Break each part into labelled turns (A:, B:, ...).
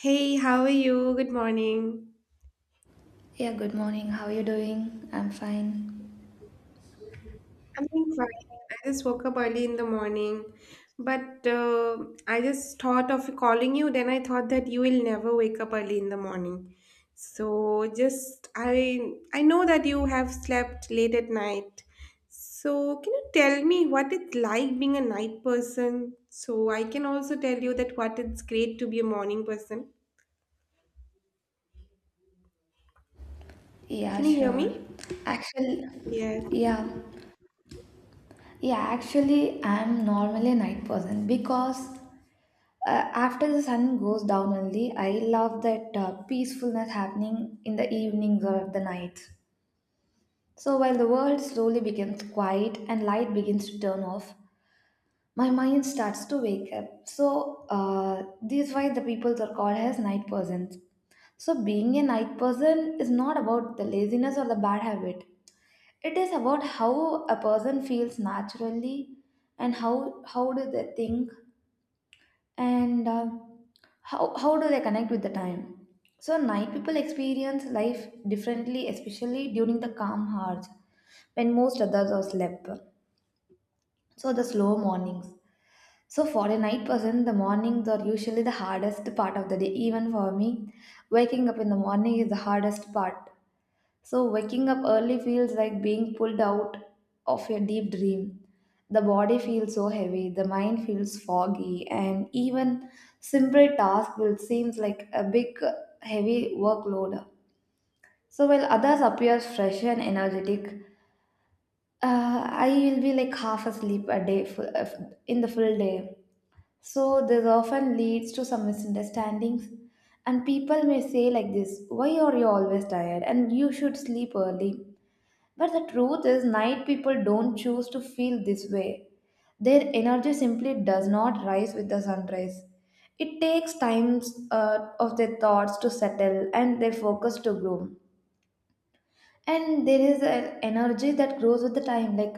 A: Hey, how are you? Good morning.
B: Yeah, good morning. How are you doing? I'm fine.
A: I'm doing fine. I just woke up early in the morning, but I just thought of calling you. Then I thought that you will never wake up early in the morning. So just I know that you have slept late at night. So can you tell me what it's like being a night person? So I can also tell you that what it's great to be a morning person.
B: Yeah,
A: Can you hear
B: sure.
A: me?
B: Actually,
A: Yes.
B: yeah, yeah, actually, I'm normally a night person because after the sun goes down only, I love that peacefulness happening in the evenings or the nights. So while the world slowly becomes quiet and light begins to turn off, my mind starts to wake up. So this is why the people are called as night persons. So being a night person is not about the laziness or the bad habit. It is about how a person feels naturally and how do they think and how do they connect with the time. So night people experience life differently, especially during the calm hours when most others are slept. So the slow mornings. So, for a night person, the mornings are usually the hardest part of the day. Even for me, waking up in the morning is the hardest part. So, waking up early feels like being pulled out of a deep dream. The body feels so heavy, the mind feels foggy, and even simple task will seem like a big, heavy workload. So, while others appear fresh and energetic, I will be like half asleep a day, in the full day, so this often leads to some misunderstandings and people may say like this, why are you always tired and you should sleep early. But the truth is night people don't choose to feel this way. Their energy simply does not rise with the sunrise. It takes times of their thoughts to settle and their focus to grow, and there is an energy that grows with the time, like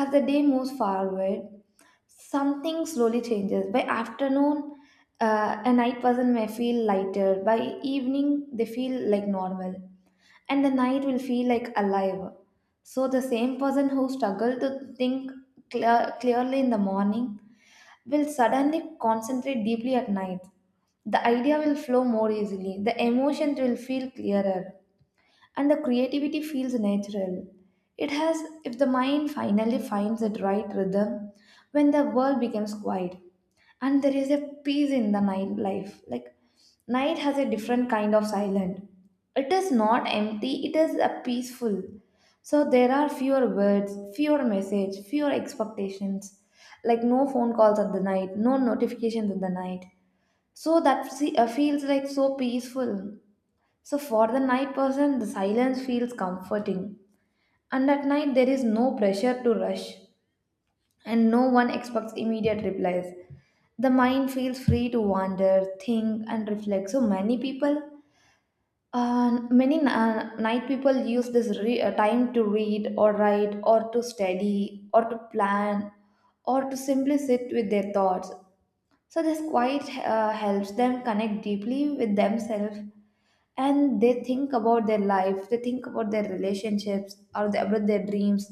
B: as the day moves forward something slowly changes by afternoon. A night person may feel lighter by evening, they feel like normal, and the night will feel like alive. So the same person who struggled to think clearly in the morning will suddenly concentrate deeply at night. The idea will flow more easily, the emotions will feel clearer, and the creativity feels natural. It has, if the mind finally finds the right rhythm, when the world becomes quiet, and there is a peace in the night life. Like night has a different kind of silence. It is not empty. It is a peaceful. So there are fewer words, fewer message, fewer expectations. Like no phone calls at the night, no notifications at the night. So that see, feels like so peaceful. So, for the night person, the silence feels comforting, and at night there is no pressure to rush, and no one expects immediate replies. The mind feels free to wander, think, and reflect. So, many people, many night people use this time to read or write or to study or to plan or to simply sit with their thoughts. So this quiet helps them connect deeply with themselves, and they think about their life, they think about their relationships or about their dreams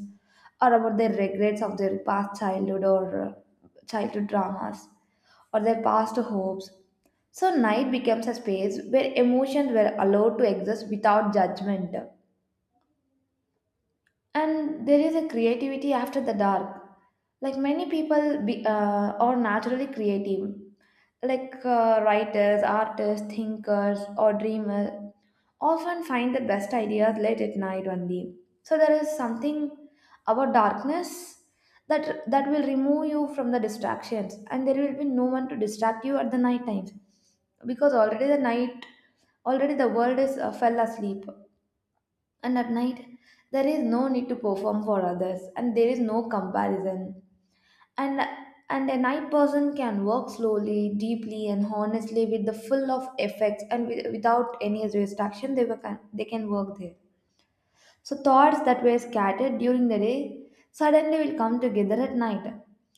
B: or about their regrets of their past childhood or childhood dramas or their past hopes. So night becomes a space where emotions were allowed to exist without judgment, and there is a creativity after the dark, like many people are naturally creative, like writers, artists, thinkers, or dreamers often find the best ideas late at night only. So there is something about darkness that will remove you from the distractions, and there will be no one to distract you at the night times because already the world is fell asleep. And at night, there is no need to perform for others, and there is no comparison. And and a night person can work slowly, deeply, and honestly with the full of effects, and with, without any distraction, they can work there. So, thoughts that were scattered during the day suddenly will come together at night.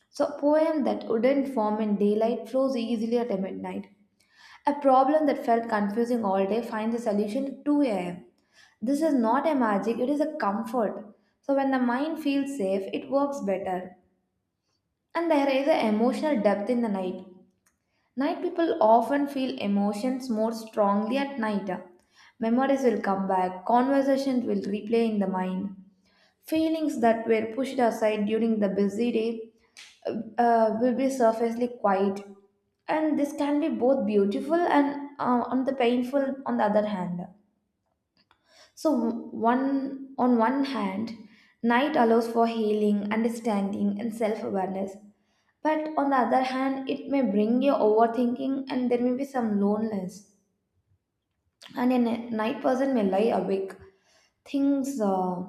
B: So, a poem that wouldn't form in daylight flows easily at midnight. A problem that felt confusing all day finds a solution at 2 a.m. This is not a magic, it is a comfort. So, when the mind feels safe, it works better. And there is an emotional depth in the night. Night people often feel emotions more strongly at night. Memories will come back, conversations will replay in the mind. Feelings that were pushed aside during the busy day will be surfacely quiet, and this can be both beautiful and on the painful on the other hand. So one, on one hand, night allows for healing, understanding, and self-awareness. But on the other hand, it may bring you overthinking and there may be some loneliness. And a night person may lie awake, things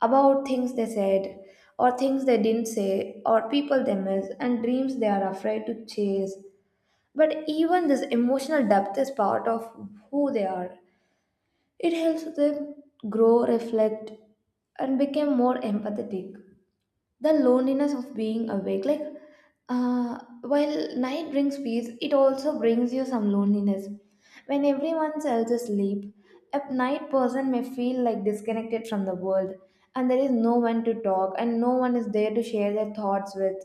B: about things they said or things they didn't say or people they miss and dreams they are afraid to chase. But even this emotional depth is part of who they are. It helps them grow, reflect, and become more empathetic. The loneliness of being awake, like while night brings peace it also brings you some loneliness. When everyone else is asleep, a night person may feel like disconnected from the world, and there is no one to talk and no one is there to share their thoughts with.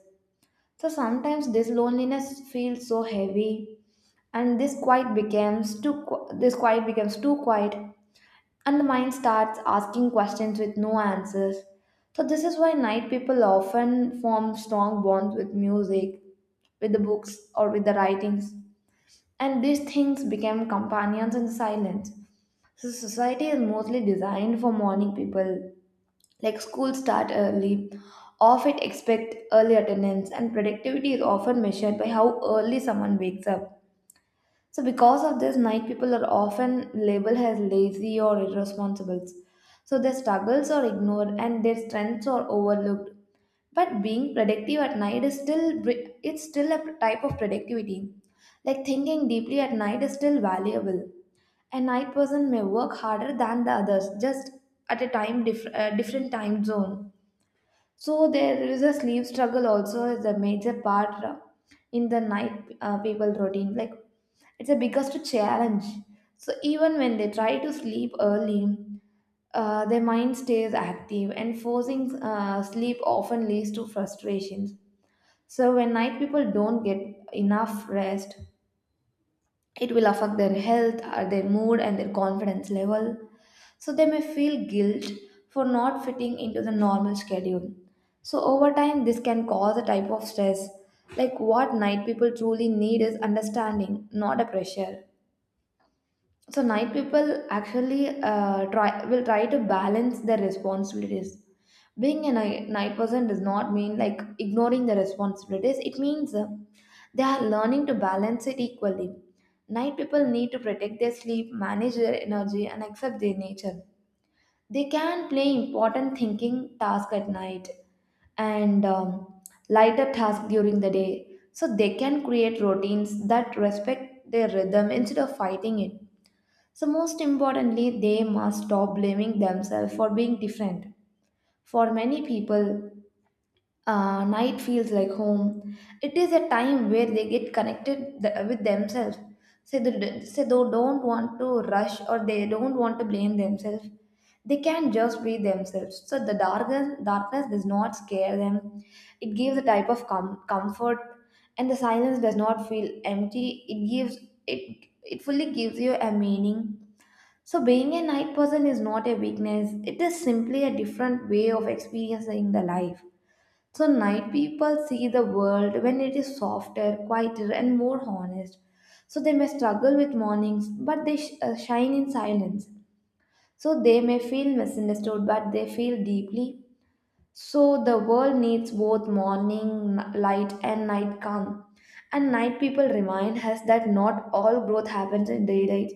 B: So sometimes this loneliness feels so heavy, and this quiet becomes this quiet becomes too quiet, and the mind starts asking questions with no answers. So, this is why night people often form strong bonds with music, with the books, or with the writings. And these things became companions in silence. So, society is mostly designed for morning people. Like schools start early, often expect early attendance, and productivity is often measured by how early someone wakes up. So, because of this, night people are often labeled as lazy or irresponsible. So, their struggles are ignored and their strengths are overlooked. But being productive at night is it's still a type of productivity. Like thinking deeply at night is still valuable. A night person may work harder than the others, just at a different time zone. So there is a sleep struggle also is a major part in the night people routine. Like it's the biggest challenge. So even when they try to sleep early, their mind stays active, and forcing sleep often leads to frustrations. So when night people don't get enough rest, it will affect their health, or their mood, and their confidence level. So they may feel guilt for not fitting into the normal schedule. So over time, this can cause a type of stress. Like what night people truly need is understanding, not a pressure. So night people actually try will try to balance their responsibilities. Being a night person does not mean like ignoring the responsibilities. It means they are learning to balance it equally. Night people need to protect their sleep, manage their energy, and accept their nature. They can play important thinking tasks at night and lighter tasks during the day. So they can create routines that respect their rhythm instead of fighting it. So, most importantly, they must stop blaming themselves for being different. For many people, night feels like home. It is a time where they get connected with themselves. Say they don't want to rush or they don't want to blame themselves. They can just be themselves. So the darkness does not scare them. It gives a type of comfort, and the silence does not feel empty. It gives it fully gives you a meaning. So being a night person is not a weakness. It is simply a different way of experiencing the life. So, night people see the world when it is softer, quieter, and more honest. So, they may struggle with mornings, but they shine in silence. So, they may feel misunderstood, but they feel deeply. So, the world needs both morning light and night calm. And night people remind us that not all growth happens in daylight.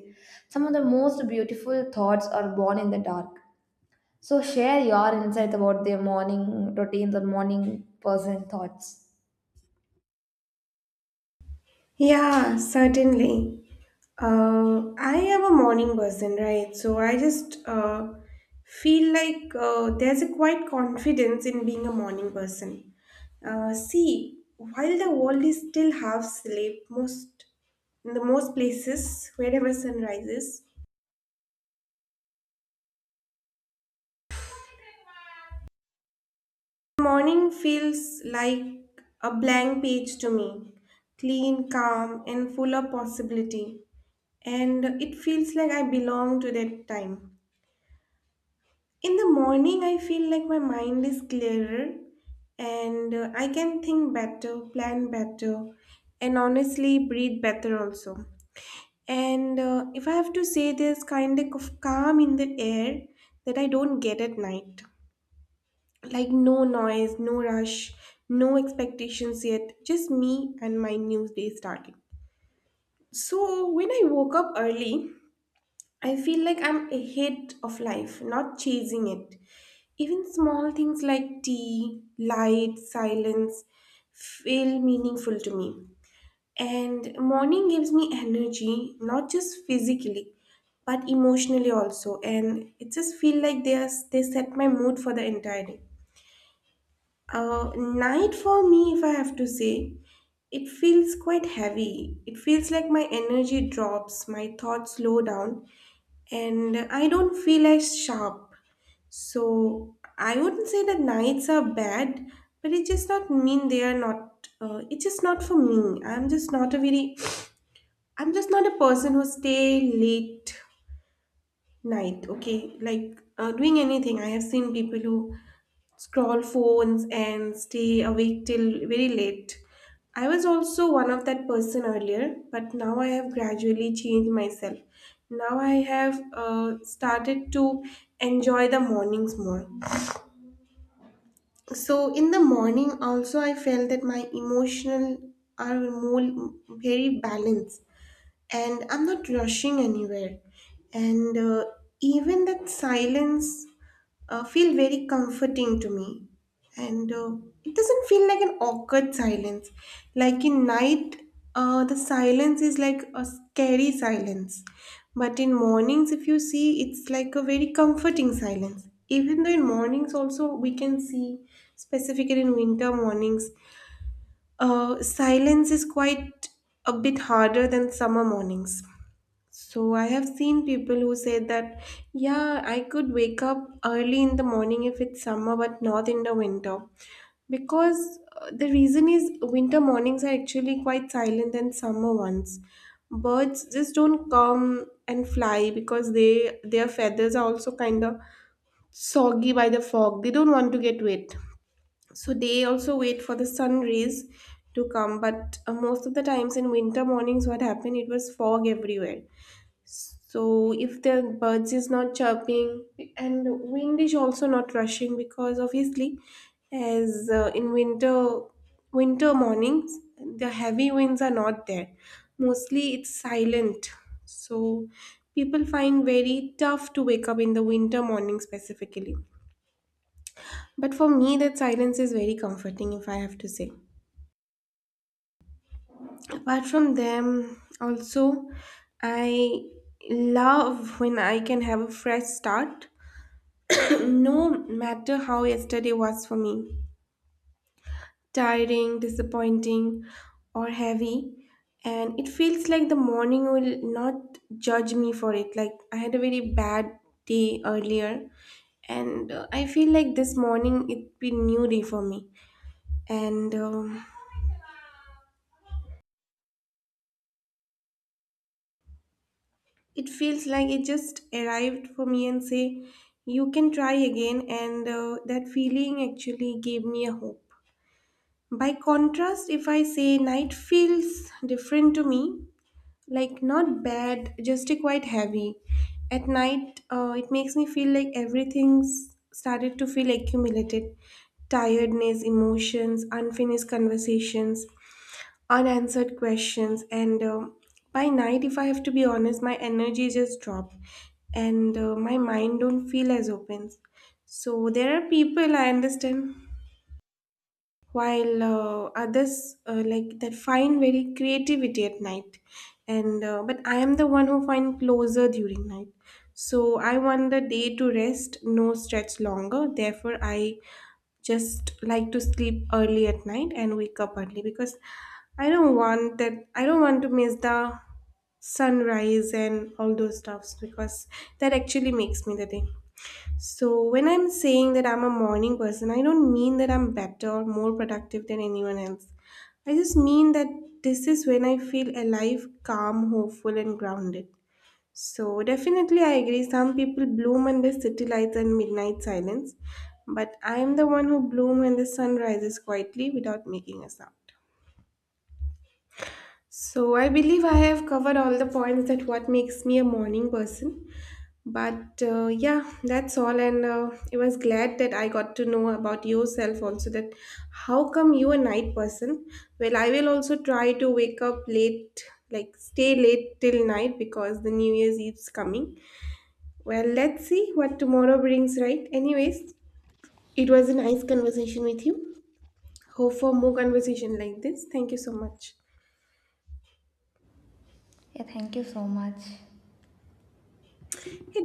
B: Some of the most beautiful thoughts are born in the dark. So, share your insights about their morning routines or morning person thoughts.
A: Yeah, certainly. I am a morning person, right? So I just feel like there's a quite confidence in being a morning person. See, while the world is still half asleep, most in the most places, wherever sun rises, morning feels like a blank page to me, clean, calm, and full of possibility. And it feels like I belong to that time. In the morning, I feel like my mind is clearer and I can think better, plan better, and honestly breathe better also. And if I have to say, there's kind of calm in the air that I don't get at night. Like no noise, no rush, no expectations yet, just me and my new day starting. So when I woke up early, I feel like I'm ahead of life, not chasing it. Even small things like tea, light, silence feel meaningful to me. And morning gives me energy, not just physically, but emotionally also. And it just feel like they are, they set my mood for the entire day. Night for me, if I have to say, it feels quite heavy. It feels like my energy drops, my thoughts slow down, and I don't feel as sharp. So I wouldn't say that nights are bad, but it just not mean they are not. It's just not for me. I'm just not a very. I'm just not a person who stay late night. Okay, like doing anything. I have seen people who scroll phones and stay awake till very late. I was also one of that person earlier, but now I have gradually changed myself. Now I have started to enjoy the mornings more. So in the morning also I felt that my emotional are more very balanced and I'm not rushing anywhere. And even that silence feel very comforting to me. And it doesn't feel like an awkward silence. Like in night, the silence is like a scary silence. But in mornings, if you see, it's like a very comforting silence. Even though in mornings also we can see, specifically in winter mornings, silence is quite a bit harder than summer mornings. So I have seen people who say that, yeah, I could wake up early in the morning if it's summer, but not in the winter. Because the reason is winter mornings are actually quite silent than summer ones. Birds just don't come and fly because they their feathers are also kind of soggy by the fog. They don't want to get wet. So they also wait for the sun rays to come. But most of the times in winter mornings, what happened, it was fog everywhere. So if the birds is not chirping and wind is also not rushing because obviously as in winter mornings the heavy winds are not there. Mostly it's silent. So people find very tough to wake up in the winter morning specifically. But for me that silence is very comforting if I have to say. Apart from them also I love when I can have a fresh start. No matter how yesterday was for me, tiring, disappointing, or heavy, and it feels like the morning will not judge me for it. Like I had a very bad day earlier, and I feel like this morning it be new day for me, and it feels like it just arrived for me and say, "You can try again," and that feeling actually gave me a hope. By contrast, if I say night feels different to me, like not bad, just a quite heavy. At night, it makes me feel like everything's started to feel accumulated tiredness, emotions, unfinished conversations, unanswered questions. And by night, if I have to be honest, my energy just drop and my mind don't feel as open. So there are people I understand while others like that find very creativity at night and but I am the one who find closure during night. So I want the day to rest no stretch longer, therefore I just like to sleep early at night and wake up early because I don't want to miss the sunrise and all those stuffs because that actually makes me the day. So, when I'm saying that I'm a morning person, I don't mean that I'm better or more productive than anyone else. I just mean that this is when I feel alive, calm, hopeful, and grounded. So, definitely, I agree. Some people bloom under city lights and midnight silence, but I am the one who bloom when the sun rises quietly without making a sound. So, I believe I have covered all the points that what makes me a morning person. But yeah, that's all. And I was glad that I got to know about yourself also. That how come you a night person? Well, I will also try to wake up late, like stay late till night because the New Year's Eve's coming. Well, let's see what tomorrow brings, right? Anyways, it was a nice conversation with you. Hope for more conversation like this. Thank you so much.
B: Yeah, thank you so much.
A: Hey,